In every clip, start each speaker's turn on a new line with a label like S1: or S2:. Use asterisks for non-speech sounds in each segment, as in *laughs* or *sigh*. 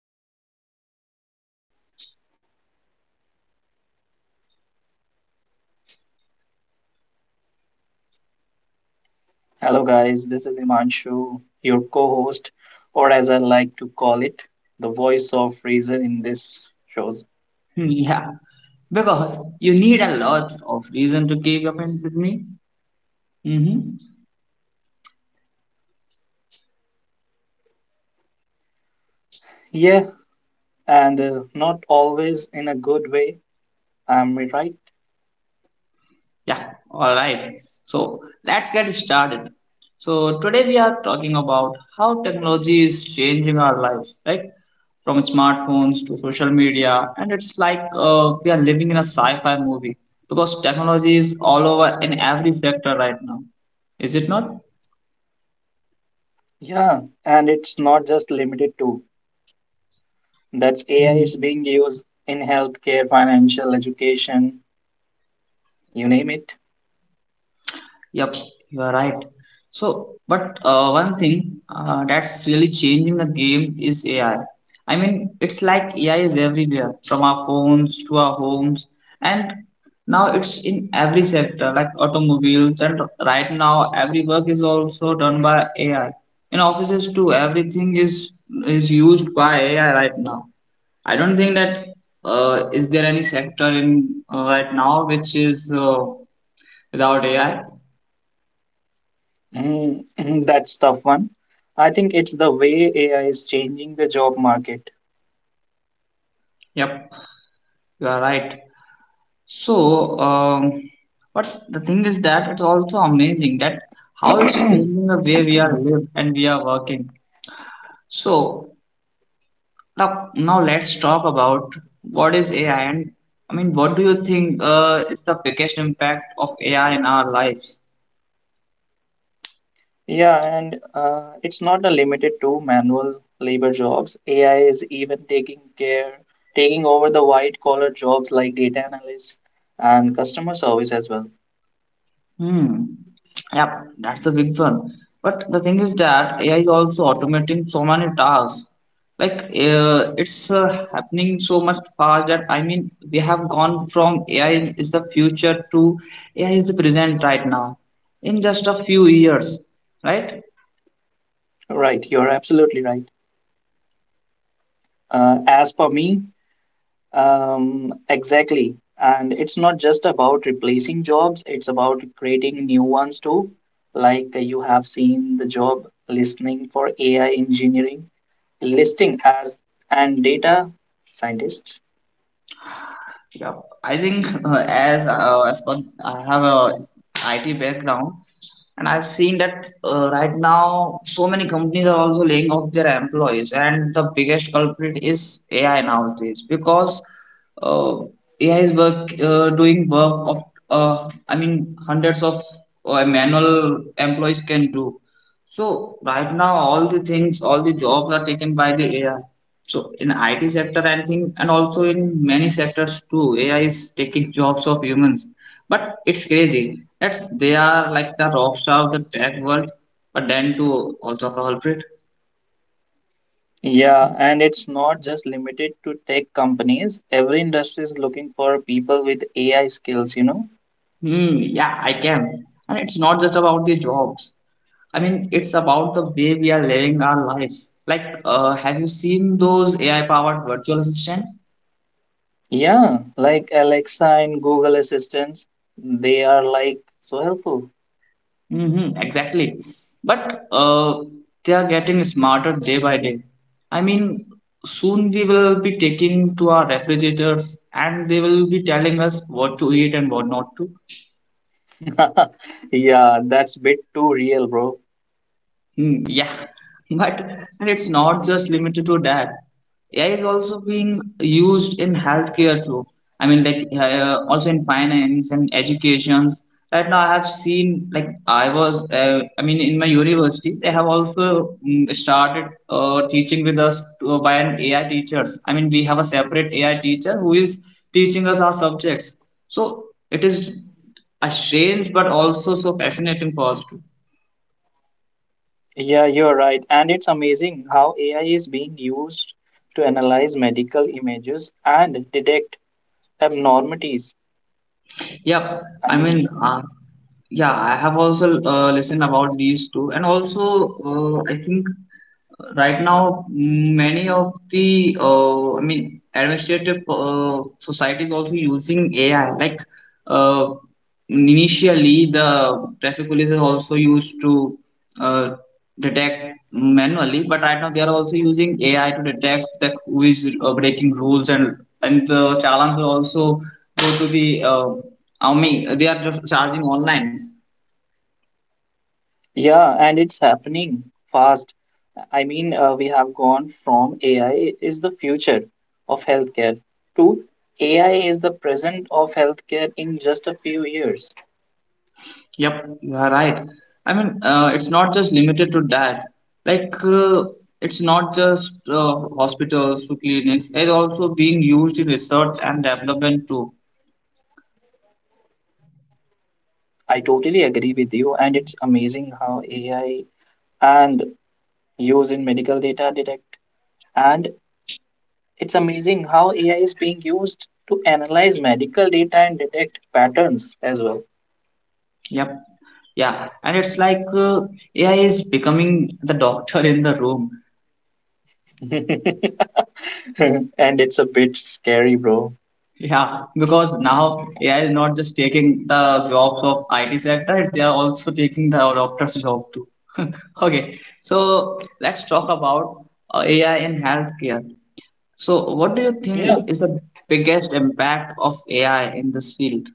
S1: I'm your host, Divyanshu.
S2: Hello, guys. This is Himanshu, your co host, or as I like to call it, the voice of reason in this shows.
S1: Hmm, yeah, because you need a lot of reason to keep up with me. Hmm.
S2: Yeah, and not always in a good way. Am I right?
S1: Yeah, all right. So let's get started. So today we are talking about how technology is changing our lives, right? From smartphones to social media, and it's like we are living in a sci-fi movie because technology is all over in every sector right now. Is it not?
S2: Yeah, and it's not just limited to that's AI is being used in healthcare, financial, education, you name it.
S1: Yep, you are right. So, but one thing that's really changing the game is AI. I mean, it's like AI is everywhere, from our phones to our homes, and now it's in every sector, like automobiles. And right now, every work is also done by AI. In offices too, everything is used by AI right now. I don't think that is there any sector in right now which is without AI.
S2: Mm, *clears throat* that's tough one. I think it's the way AI is changing the job market.
S1: Yep. You are right. So, but the thing is that it's also amazing that how it's changing the way we are
S2: *clears throat*
S1: live and we are working. So now let's talk about what is AI and what do you think is the biggest impact of AI in our lives?
S2: Yeah, and it's not a limited to manual labor jobs. AI is even taking over the white collar jobs like data analysts and customer service as well.
S1: Hmm. Yep, that's the big one. But the thing is that AI is also automating so many tasks. Like it's happening so much fast that I mean we have gone from AI is the future to AI is the present right now in just a few years, right?
S2: Right, you're absolutely right. As per me, exactly. And it's not just about replacing jobs, it's about creating new ones too. Like you have seen the job listening for AI engineering, listing as and data scientists.
S1: Yeah, I think *laughs* I have a IT background, and I've seen that right now so many companies are also laying off their employees, and the biggest culprit is AI nowadays because uh, AI is work doing work of I mean hundreds of manual employees can do. So right now all the things, all the jobs are taken by the AI. So in IT sector, I think, and also in many sectors too, AI is taking jobs of humans. But it's crazy. That's they are like the rock star of the tech world, but then too also culprit.
S2: Yeah, and it's not just limited to tech companies. Every industry is looking for people with AI skills, you know?
S1: Hmm, yeah, I can. And it's not just about the jobs. I mean, it's about the way we are living our lives. Like, have you seen those AI-powered virtual assistants?
S2: Yeah, like Alexa and Google Assistants, they are like so helpful.
S1: Mm-hmm, exactly. But they are getting smarter day by day. I mean, soon we will be taking to our refrigerators and they will be telling us what to eat and what not to.
S2: *laughs* Yeah, that's a bit too real, bro.
S1: Hmm, yeah, *laughs* but it's not just limited to that. AI is also being used in healthcare too. I mean, like also in finance and educations. Right now, I have seen like I was. I mean, in my university, they have also started teaching with us by an AI teachers. I mean, we have a separate AI teacher who is teaching us our subjects. So it is a strange but also so fascinating for us.
S2: Yeah, you're right. And it's amazing how AI is being used to analyze medical images and detect abnormalities.
S1: Yep.
S2: I
S1: I
S2: mean,
S1: mean, uh, yeah, I have also listened about these two, and also I think right now many of the I mean administrative societies also using AI. Like uh, initially, the traffic police is also used to uh, detect manually, but right now they are also using AI to detect that who is breaking rules and the challenge will also go to the I mean, they are just charging online.
S2: yeah, and it's happening fast. I mean, we have gone from AI is the future of healthcare to AI is the present of healthcare in just a few years.
S1: Yep, you are right. It's not just limited to that. Like, it's not just hospitals to clinics. It's also being used in research and development too.
S2: I totally agree with you, and it's amazing how AI and use in medical data detect, and it's amazing how AI is being used to analyze medical data and detect patterns as well.
S1: Yep, yeah. And it's like AI is becoming the doctor in the room.
S2: *laughs* And it's a bit scary, bro.
S1: Yeah, because now AI is not just taking the jobs of IT sector, they are also taking the doctor's job too. *laughs* Okay, so let's talk about AI in healthcare. So, what do you think
S2: Yeah.
S1: is the biggest impact of AI in this field?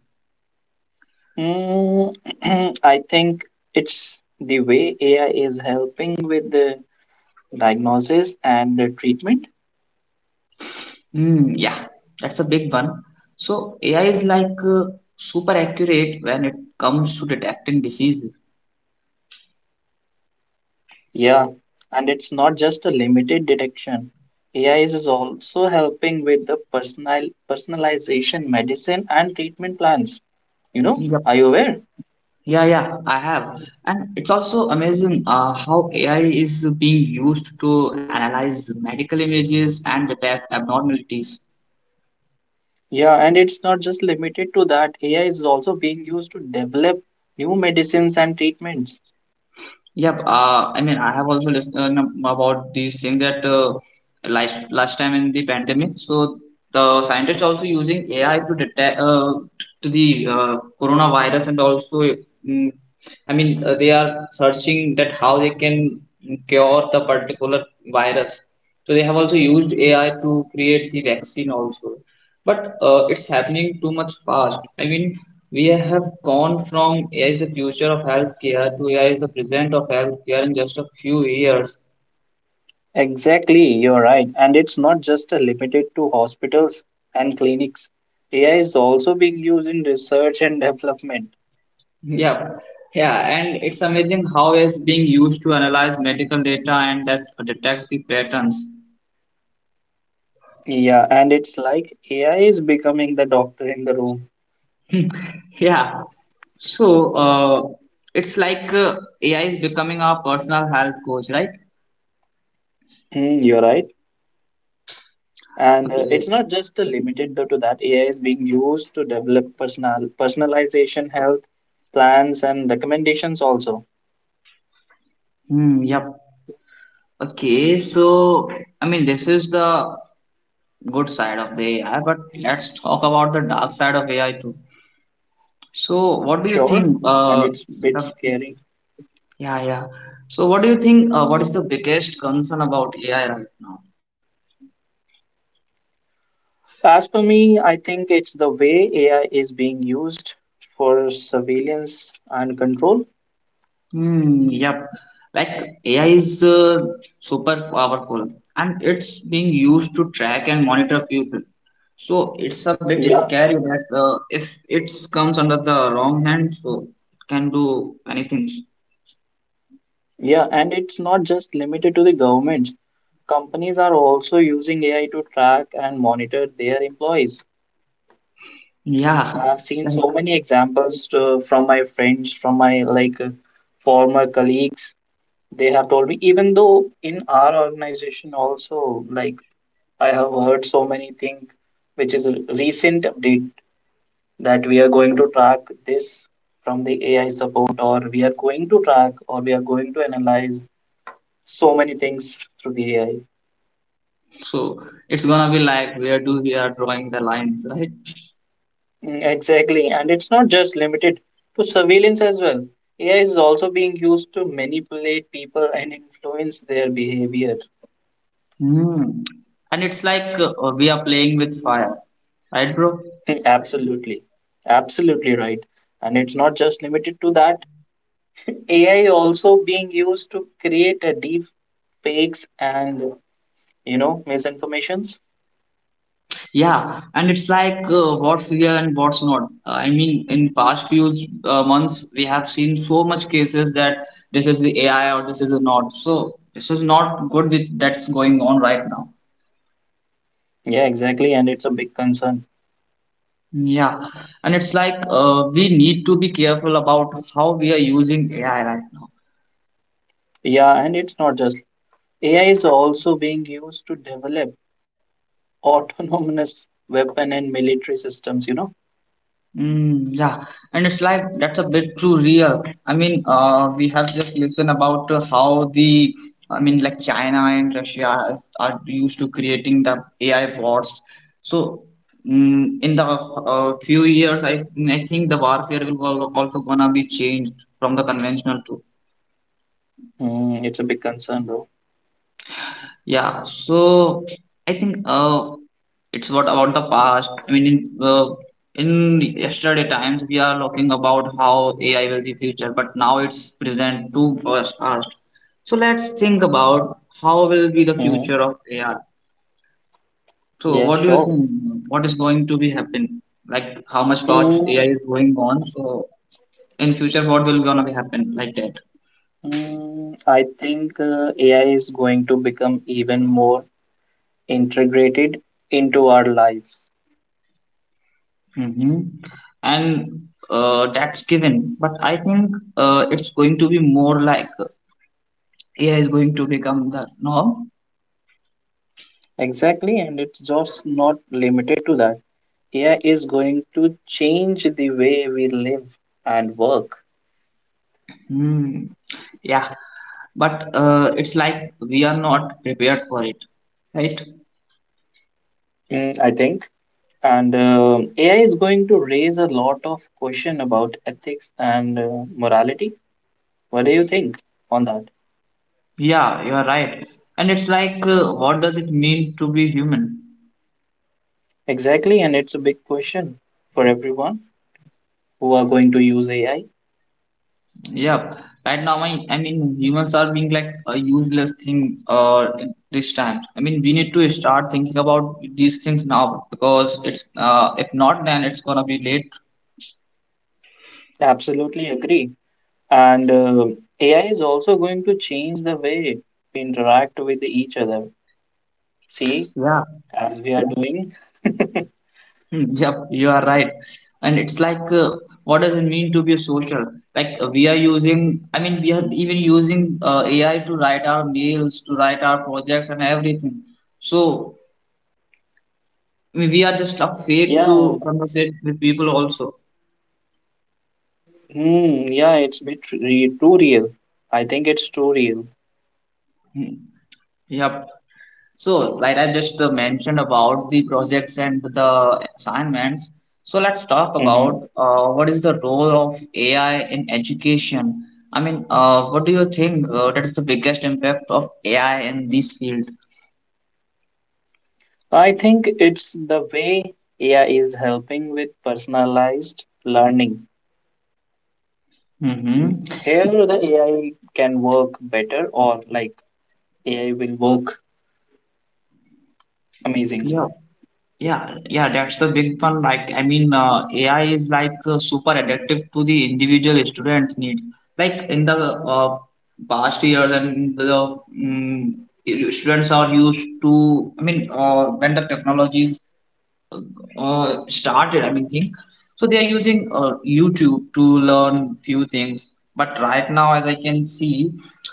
S2: Mm, *clears throat* I think it's the way AI is helping with the diagnosis and the treatment.
S1: Hmm, yeah, that's a big one. So, AI is like super accurate when it comes to detecting diseases.
S2: Yeah, and it's not just a limited detection. AI is also helping with the personalization, medicine, and treatment plans. You know,
S1: Yep.
S2: are you aware?
S1: Yeah, yeah, I have. And it's also amazing how AI is being used to analyze medical images and detect abnormalities.
S2: Yeah, and it's not just limited to that. AI is also being used to develop new medicines and treatments.
S1: Yep. I mean, I have also listened about these things that last time in the pandemic. So the scientists also using AI to detect to the coronavirus and also, mm, I mean, they are searching that how they can cure the particular virus. So they have also used AI to create the vaccine also. But it's happening too much fast. I mean, we have gone from AI is the future of healthcare to AI is the present of healthcare in just a few years.
S2: Exactly, you're right. And it's not just limited to hospitals and clinics. AI is also being used in research and *laughs* development.
S1: Yeah, yeah, and it's amazing how AI is being used to analyze medical data and that detect the patterns.
S2: Yeah, and it's like AI is becoming the doctor in the room.
S1: *laughs* Yeah, so it's like AI is becoming our personal health coach, right?
S2: You're right. And
S1: Okay.
S2: it's not just limited though to that. AI is being used to develop personalization, health plans, and recommendations also.
S1: Hmm, yep. Okay, so this is the good side of the AI, but let's talk about the dark side of AI too. So, what do you
S2: Sure,
S1: think?
S2: and it's a bit
S1: The,
S2: scary.
S1: yeah, yeah. So, what do you think? What is the biggest concern about AI right now?
S2: As per me, I think it's the way AI is being used for surveillance and control.
S1: Hmm. Yep. Like AI is super powerful, and it's being used to track and monitor people. So it's a bit
S2: Yeah,
S1: scary that if it comes under the wrong hand, so it can do anything.
S2: yeah, and it's not just limited to the governments. Companies are also using AI to track and monitor their employees.
S1: Yeah.
S2: I've seen
S1: Like
S2: so many examples to, from my friends, from my like former colleagues. They have told me, even though in our organization also, like I have heard so many things, which is a recent update that we are going to track this from the AI support, or we are going to track, or we are going to analyze so many things through the AI.
S1: so, it's gonna be like where do we are drawing the lines, right?
S2: Exactly. And it's not just limited to surveillance as well. AI is also being used to manipulate people and influence their behavior.
S1: Hmm. And it's like we are playing with fire, right, bro?
S2: *laughs* Absolutely. Absolutely right. And it's not just limited to that. AI also being used to create a deep fakes and misinformations.
S1: Yeah, and it's like what's real and what's not. I mean, in past few months, we have seen so much cases that this is the AI or this is not. So this is not good with that's going on right now.
S2: Yeah, exactly. And it's a big concern.
S1: Yeah, and it's like we need to be careful about how we are using AI right now.
S2: Yeah, and it's not just AI is also being used to develop *laughs* autonomous weapon and military systems, you know?
S1: Mm, yeah, and it's like that's a bit too real. I mean, we have just listened about I mean, like China and Russia is, are used to creating the AI bots. So, in the few years, I think the warfare will also gonna be changed from the conventional to.
S2: It's a big concern, bro.
S1: Yeah, so I think it's what about the past. I mean, in, uh, in yesterday times we are talking about how AI will be future, but now it's present too fast. Past. So let's think about how will be the
S2: Mm-hmm.
S1: future of AI. So
S2: Yeah,
S1: what do you
S2: sure.
S1: think? What is going to be happen? Like how much fast AI
S2: Mm,
S1: is going on? So in future, what will gonna be happen like that?
S2: I think AI is going to become even more integrated into our lives.
S1: Hmm. And that's given. But I think it's going to be more like AI is going to become the norm.
S2: Exactly, and it's just not limited to that. AI is going to change the way we live and work.
S1: Hmm. Yeah, but it's like we are not prepared for it, right?
S2: I think And AI is going to raise a lot of question about ethics and morality. What do you think on that?
S1: Yeah, you are right. And it's like, what does it mean to be human?
S2: Exactly, and it's a big question for everyone who are going to use AI.
S1: Yep. Right now, I mean, humans are being like a useless thing this time. I mean, we need to start thinking about these things now because if not, then it's gonna be late.
S2: Absolutely agree. And AI is also going to change the way we interact with each other. See,
S1: Yeah.
S2: as we are doing. *laughs*
S1: Hmm, yep. You are right. And it's like, what does it mean to be social? Like I mean, we are even using AI to write our mails, to write our projects, and everything. So we are just a fake to
S2: Yeah,
S1: conversate with people also.
S2: hmm, yeah, it's bit too real. I think it's too real.
S1: Hmm. Yep. So, like I just mentioned about the projects and the assignments, so let's talk about
S2: Mhm.
S1: what is the role of AI in education. I mean, what do you think that is the biggest impact of AI in this field?
S2: I think it's the way AI is helping with personalized learning.
S1: Mm-hmm.
S2: Here, the AI can work better, or like AI will work amazingly.
S1: Yeah. Yeah, that's the big one. Like, I mean, AI is like super adaptive to the individual student needs. Like in the past years, and the students are used to. I mean, when the technologies uh, started, I mean, thing. So they are using YouTube to learn few things. But right now, as I can see,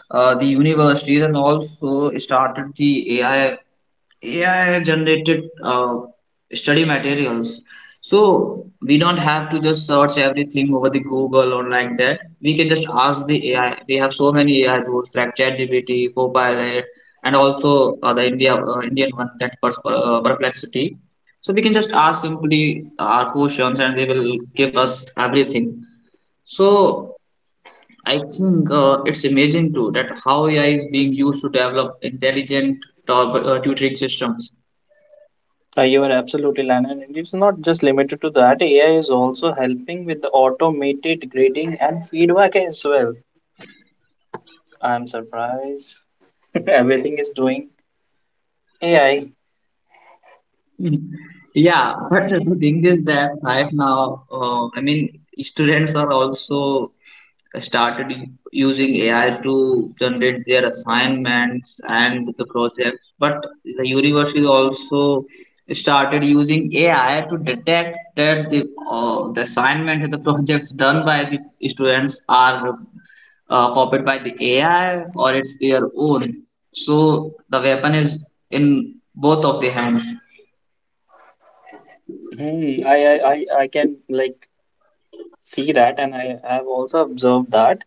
S1: the universities and also started the AI generated study materials. So we don't have to just search everything over the Google or like that. We can just ask the AI. We have so many AI tools like ChatGPT, Copilot, and also the India Indian one that Perplexity. So we can just ask simply our questions, and they will give us everything. So I think it's amazing too that how AI is being used to develop intelligent tutoring systems.
S2: You are absolutely Lana, and it's not just limited to that. AI is also helping with the automated grading and feedback as well. I'm surprised. *laughs* Everything is doing AI.
S1: Mhm. Yeah, but the thing is that right now, students are also started using AI to generate their assignments and the projects, but the university also started using AI to detect that the assignment and the projects done by the students are copied by the AI or it's their own. So the weapon is in both of the hands.
S2: I can like see that, and I have also observed that.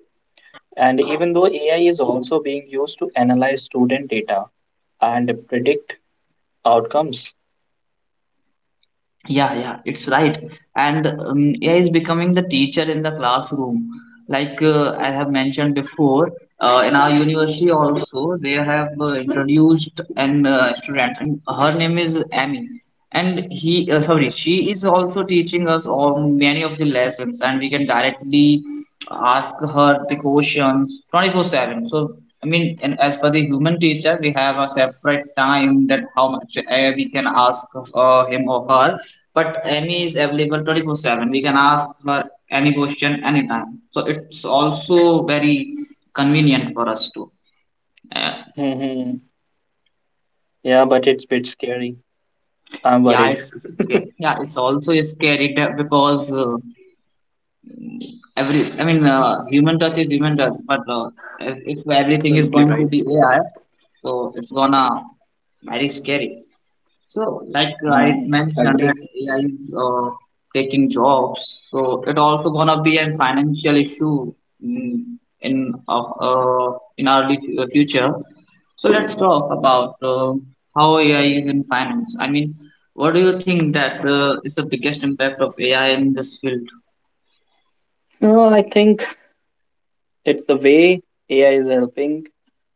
S2: And even though AI is also being used to analyze student data and predict outcomes.
S1: Yeah, yeah, it's right. And AI is becoming the teacher in the classroom. I have mentioned before, in our university also they have introduced an student, and her name is Amy. She is also teaching us all many of the lessons, and we can directly ask her the questions 24/7. So I mean, and as per the human teacher, we have a separate time that how much we can ask him or her, but Amy is available 24/7. We can ask her any question anytime. So it's also very convenient for us too. Uh,
S2: Mhm. Yeah, but it's a bit scary. I'm
S1: yeah,
S2: worried.
S1: it's okay. Yeah, it's also scary because every I mean human touch is human touch, but if everything is
S2: Absolutely
S1: going to
S2: right.
S1: be AI, so it's gonna very scary. So, like I mentioned, that
S2: Agree.
S1: AI is taking jobs. So it also gonna be a financial issue, mm, in our future. So let's talk about how AI is in finance. I mean, what do you think that is the biggest impact of AI in this field?
S2: No, I think it's the way AI is helping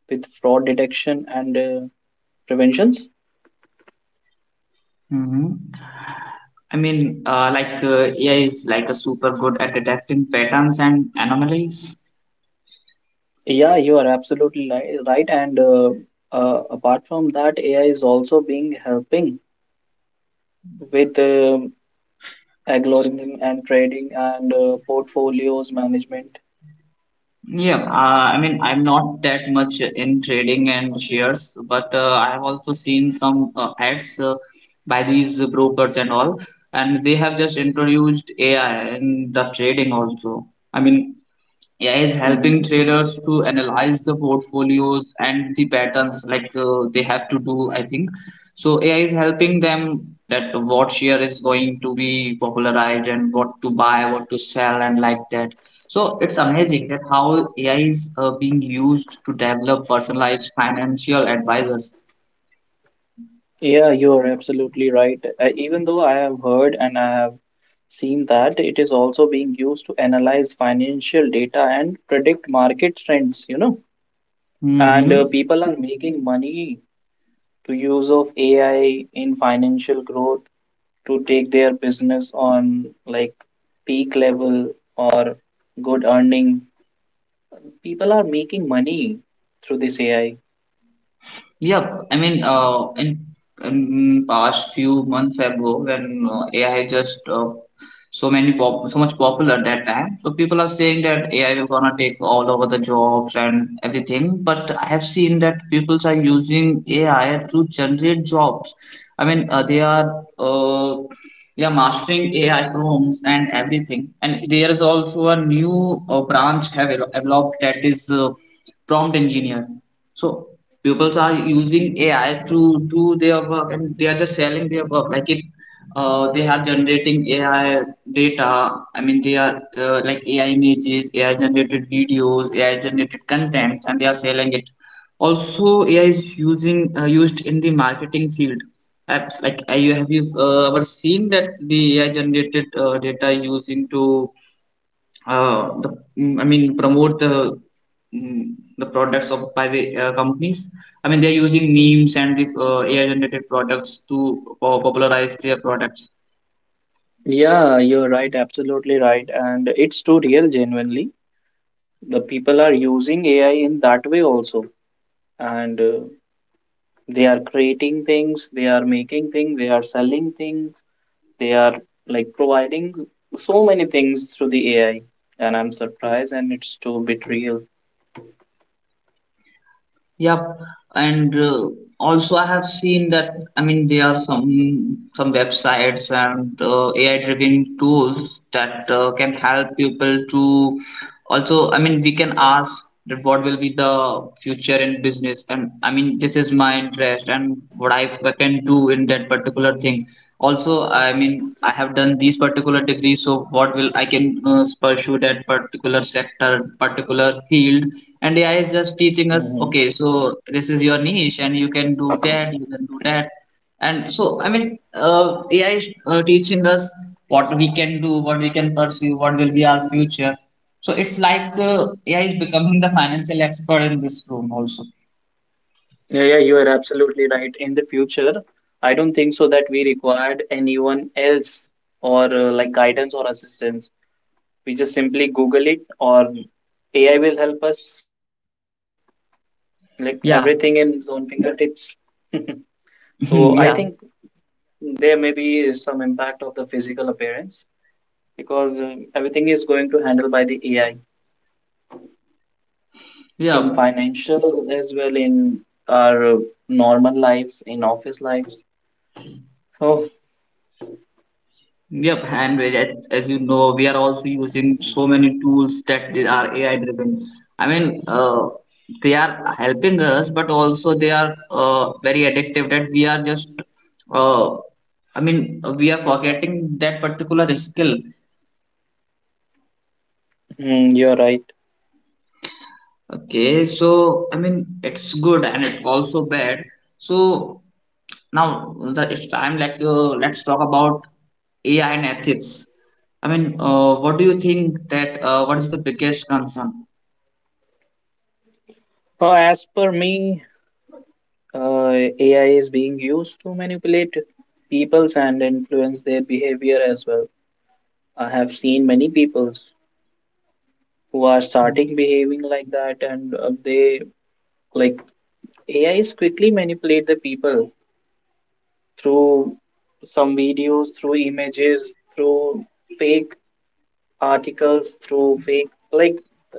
S2: with fraud detection and preventions.
S1: Hmm. I mean, AI is like a super good at detecting patterns and anomalies.
S2: Yeah, you are absolutely right. And apart from that, AI is also being helping with algorithm and trading and portfolios management.
S1: Yeah, I mean, I'm not that much in trading and shares, but I have also seen some ads by these brokers and all, and they have just introduced AI in the trading also. I mean, AI is helping traders to analyze the portfolios and the patterns like they have to do, I think. So AI is helping them that what share is going to be popularized and what to buy, what to sell, and like that. So it's amazing that how AI is being used to develop personalized financial advisors.
S2: Yeah, you're absolutely right. Even though I have heard and I have seen that it is also being used to analyze financial data and predict market trends, and
S1: Mm-hmm.
S2: people are making money to use of AI in financial growth to take their business on like peak level or good earning. People are making money through this AI.
S1: Yeah, I mean, in past few months ago, when AI just so much popular at that time, so people are saying that AI will gonna take all over the jobs and everything. But I have seen that people are using AI to generate jobs. I mean, they are mastering AI prompts and everything. And there is also a new branch have developed that is prompt engineer. So pupils are using AI to do their work, and they are just selling their work. They are generating AI data. I mean, they are like AI images, AI generated videos, AI generated content, and they are selling it. Also, AI is using used in the marketing field. Have- Like, you have you Ever seen that the AI generated data using to uh, the I mean promote the products of by the companies. I mean they are using memes and the AI generated products to popularize their product.
S2: Yeah, you're right, absolutely right. And it's too real, genuinely the people are using AI in that way also, and they are creating things, they are making things, they are selling things, they are like providing so many things through the AI, and I'm surprised, and it's too bit real.
S1: Yep, and also I have seen that I mean there are some websites and AI-driven tools that can help people to, also I mean we can ask that what will be the future in business, and I mean this is my interest and what I can do in that particular thing. Also, I mean I have done these particular degrees, so what will I can pursue that particular sector, particular field, and AI is just teaching us,
S2: hmm
S1: okay, so this is your niche, and you can do that, you can do that, and so I mean, AI is teaching us what we can do, what we can pursue, what will be our future. So it's like AI is becoming the financial expert in this room also.
S2: Yeah, yeah, you are absolutely right. In the future, I don't think so that we required anyone else or like guidance or assistance. We just simply Google it, or AI will help us for everything. Like
S1: Yeah.
S2: everything in his own fingertips. *laughs*
S1: *laughs*
S2: So I
S1: Yeah. Yeah,
S2: think there may be some impact of the physical appearance because everything is going to handle by the AI in
S1: yeah.
S2: financial as well in our normal lives, in office lives. Oh,
S1: Yep, and as you know, we are also using so many tools that they are AI driven. I mean, they are helping us, but also they are very addictive that we are just, uh, I mean, we are forgetting that particular skill.
S2: you're right.
S1: Okay, so I mean it's good and it's also bad. So now the it's time like let's talk about AI and ethics. I mean, what do you think that what is the biggest concern?
S2: Oh, as per me, AI is being used to manipulate peoples and influence their behavior as well. I have seen many peoples who are starting behaving like that, and they like A is quickly manipulate the people through some videos, through images, through fake articles, through fake like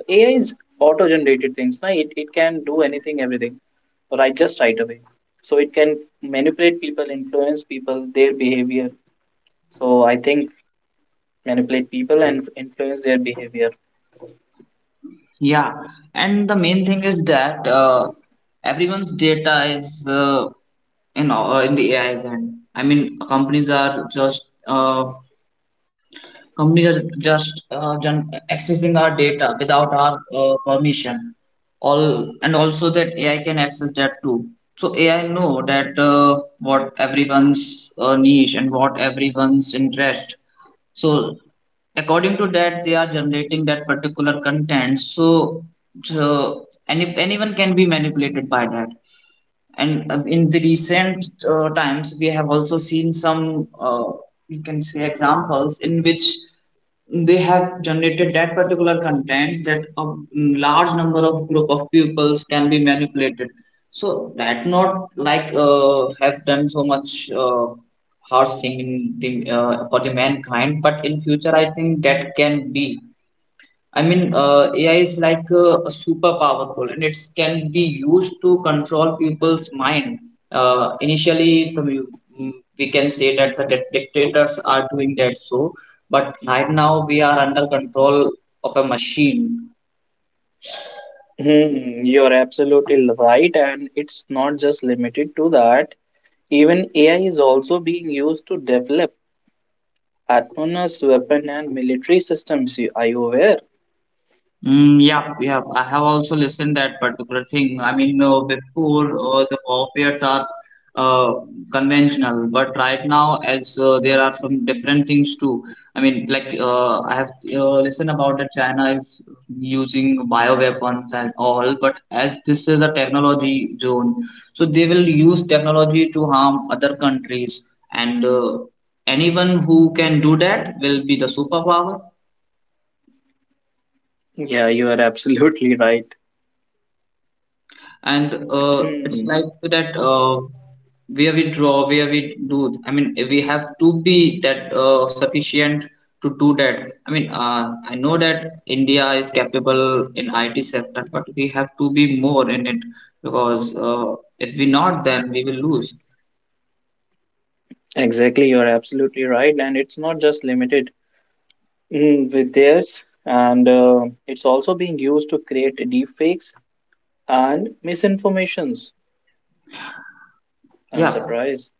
S2: AI is auto-generated things. Na? It can do anything, everything, right? Just right away. So it can manipulate people, influence people, their behavior. So I think manipulate people and influence their behavior.
S1: Yeah, and the main thing is that everyone's data is in the AI's hand. I mean, companies are just accessing our data without our permission. All and also that AI can access that too. So AI know that what everyone's niche and what everyone's interest. So according to that, they are generating that particular content. So, so anyone can be manipulated by that, and in the recent times we have also seen some we can say examples in which they have generated that particular content that a large number of group of pupils can be manipulated so that not like have done so much harsh thing in the, for the mankind, but in future I think that can be, I mean, AI is like super powerful and it can be used to control people's mind. Initially, the, mu- mm, We can say that the dictators are doing that so, but right now we are under control of a machine.
S2: You're absolutely right, and it's not just limited to that. Even AI is also being used to develop autonomous weapon and military systems. Are you aware?
S1: Mm, yeah, yeah. I have also listened that particular thing. I mean, before the warfares are uh, conventional, but right now, as there are some different things too. I mean, like I have listened about that China is using bioweapons and all, but as this is a technology zone, so they will use technology to harm other countries, and anyone who can do that will be the superpower.
S2: Yeah, you are absolutely right.
S1: And it's
S2: Mm,
S1: like that where we draw where we do I mean we have to be that sufficient to do that. I mean I know that India is capable in IT sector, but we have to be more in it, because if we not then we will lose.
S2: Exactly, you are absolutely right. And it's not just limited. With theirs, and it's also being used to create deepfakes and misinformations. I'm
S1: Yeah,
S2: surprised.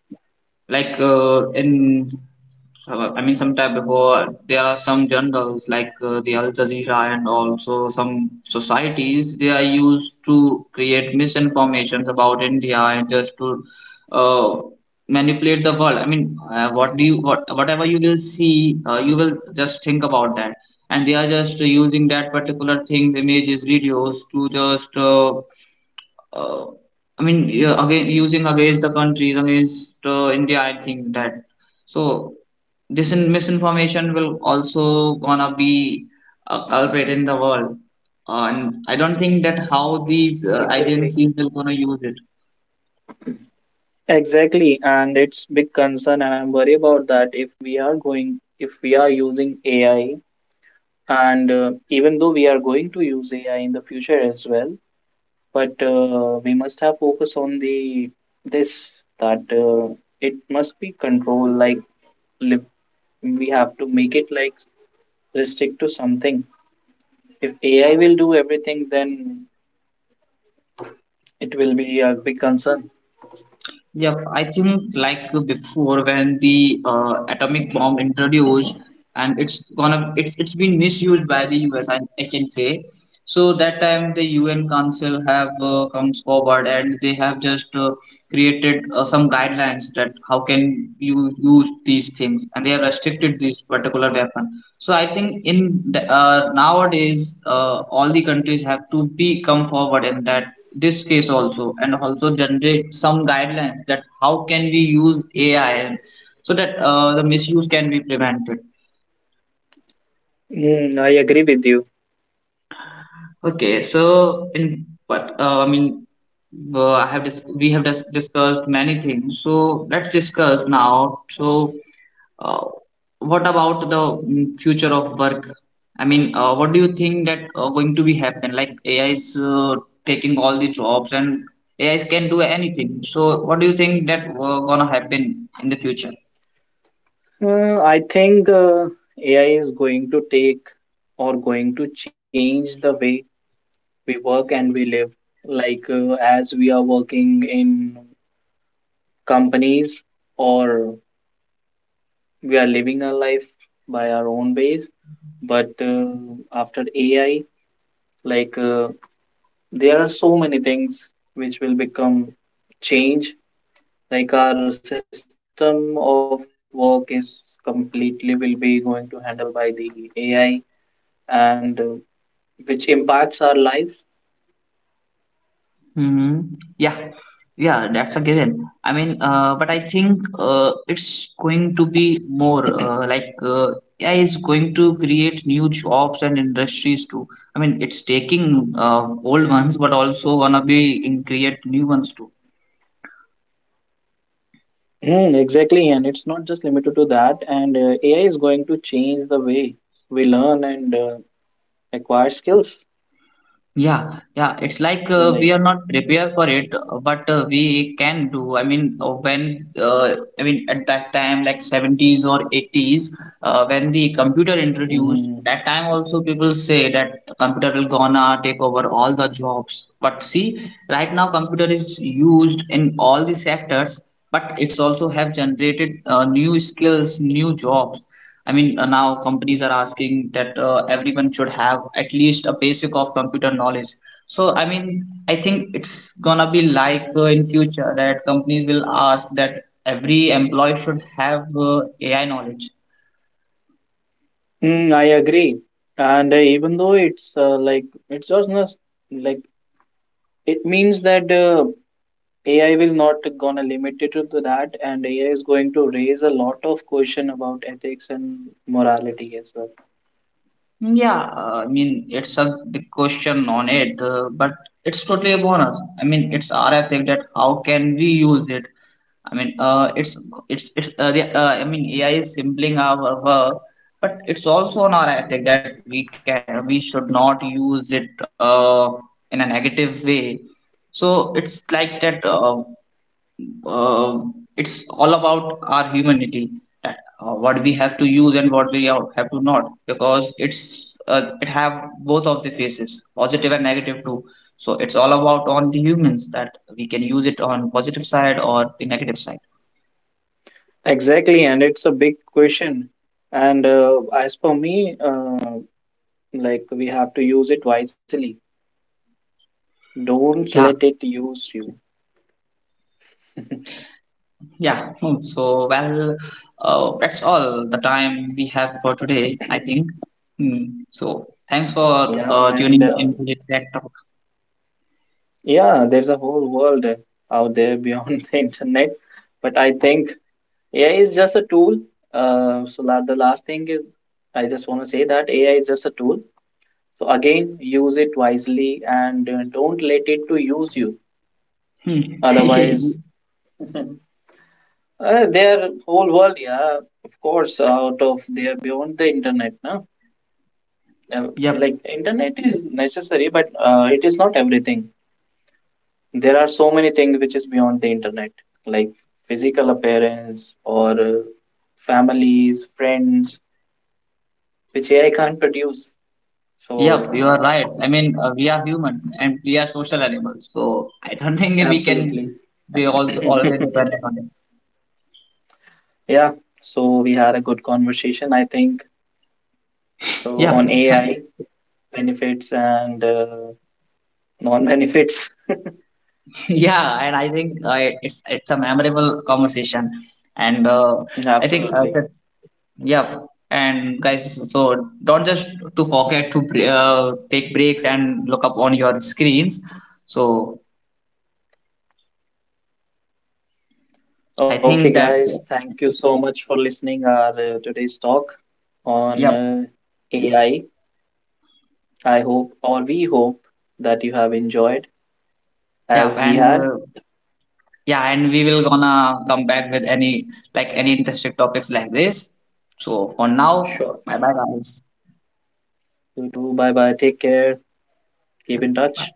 S1: like in I mean some time before there are some journals like the Al Jazeera and also some societies they are used to create misinformations about India, and just to uh, manipulate the world. I mean whatever you will see you will just think about that, and they are just using that particular things, images, videos, to just uh, I mean, yeah, again, using against the countries, against India, I think that. So, this misinformation will also gonna be a culprit in the world. And I don't think that how these
S2: Exactly.
S1: agencies will gonna use it.
S2: Exactly, and it's big concern, and I'm worried about that. If we are going, if we are using AI, and even though we are going to use AI in the future as well, but we must have focus on the this that it must be controlled like li- we have to make it like restrict to something if AI will do everything then it will be a big concern.
S1: Yep, I think like before when the atomic bomb introduced, and it's gonna it's been misused by the US, I can say. So that time the UN Council have comes forward and they have just created some guidelines that how can you use these things, and they have restricted this particular weapon. So I think in the, nowadays all the countries have to be come forward in that this case also and also generate some guidelines that how can we use AI, so that the misuse can be prevented.
S2: I agree with you.
S1: Okay, so in what I mean, we have discussed many things. So let's discuss now. So, uh, what about the, mm, future of work? I mean, what do you think that going to be happen? Like AI is taking all the jobs, and AI can do anything. So, what do you think that gonna happen in the future?
S2: I think AI is going to take or going to change the way we work and we live like as we are working in companies or we are living our life by our own ways but after AI like there are so many things which will become change like our system of work is completely will be going to handle by the AI and which impacts our life.
S1: Hmm. Yeah, yeah, that's a given. I mean, but I think it's going to be more like AI is going to create new jobs and industries too. I mean, it's taking old ones, but also gonna be in create new ones too.
S2: Hmm. Exactly, and it's not just limited to that. And AI is going to change the way we learn and acquire skills.
S1: Yeah, yeah, it's like we are not
S2: Like,
S1: prepared for it, but we can do. I mean, when I mean at that time, like 70s or 80s, when the computer introduced, that
S2: mhm.
S1: time also people say that computer will gonna take over all the jobs. But see, right now computer is used in all the sectors, but it's also have generated new skills, new jobs. I mean, now companies are asking that everyone should have at least a basic of computer knowledge. So, I mean, I think it's gonna be like in future that companies will ask that every employee should have AI knowledge.
S2: I agree. And even though it's like it's just not like it means that AI will not gonna limit it to that, and AI is going to raise a lot of question about ethics and morality as well.
S1: Yeah, I mean, it's a big question on it, but it's totally a bonus. I mean, it's our ethic that how can we use it. I mean, I mean, AI is simpling our work, but it's also an ethic that we should not use it in a negative way. So it's like that. Uh, it's all about our humanity that what we have to use and what we have to not, because it's it have both of the faces, positive and negative too. So it's all about on the humans that we can use it on positive side or the negative side.
S2: Exactly, and it's a big question. And as for me, like we have to use it wisely. Don't
S1: Yeah.
S2: let it use you. *laughs*
S1: Yeah, hmm, so well, that's all the time we have for today, I think.
S2: *clears throat*
S1: Hmm. So thanks for
S2: yeah, and
S1: tuning
S2: uh,
S1: into the Tech Talk.
S2: Yeah, there's a whole world out there beyond *laughs* the internet, but I think AI is just a tool. So la the last thing is, I just want to say that AI is just a tool. So again, use it wisely and don't let it to use you.
S1: Hmm.
S2: Otherwise,
S1: *laughs*
S2: *laughs* their whole world, yeah, of course, out of there beyond the internet, no? Uh,
S1: Yep,
S2: like internet is necessary, but it is not everything. There are so many things which is beyond the internet, like physical appearance or families, friends, which AI can't produce.
S1: yep,
S2: So,
S1: you are right. I mean, we are human and we are social animals, so I don't *laughs* think we can
S2: absolutely.
S1: be also always
S2: *clears throat*
S1: dependent on them.
S2: Yeah, so we had a good conversation, I think, so on
S1: Yep. *laughs*
S2: AI benefits and non benefits.
S1: Yeah, and I think it's a memorable conversation, and
S2: *laughs*
S1: I think
S2: Absolutely.
S1: yep. And guys, so don't just to forget to take breaks and look up on your screens. So I
S2: Okay,
S1: think that,
S2: guys, thank you so much for listening our today's talk on
S1: yep,
S2: AI. I hope or we hope that you have enjoyed.
S1: yep,
S2: As we
S1: and
S2: had.
S1: yeah, and we will gonna come back with any like any interesting topics like this. So for now,
S2: Sure.
S1: bye bye guys.
S2: You too. Bye bye. Take care. Keep in touch.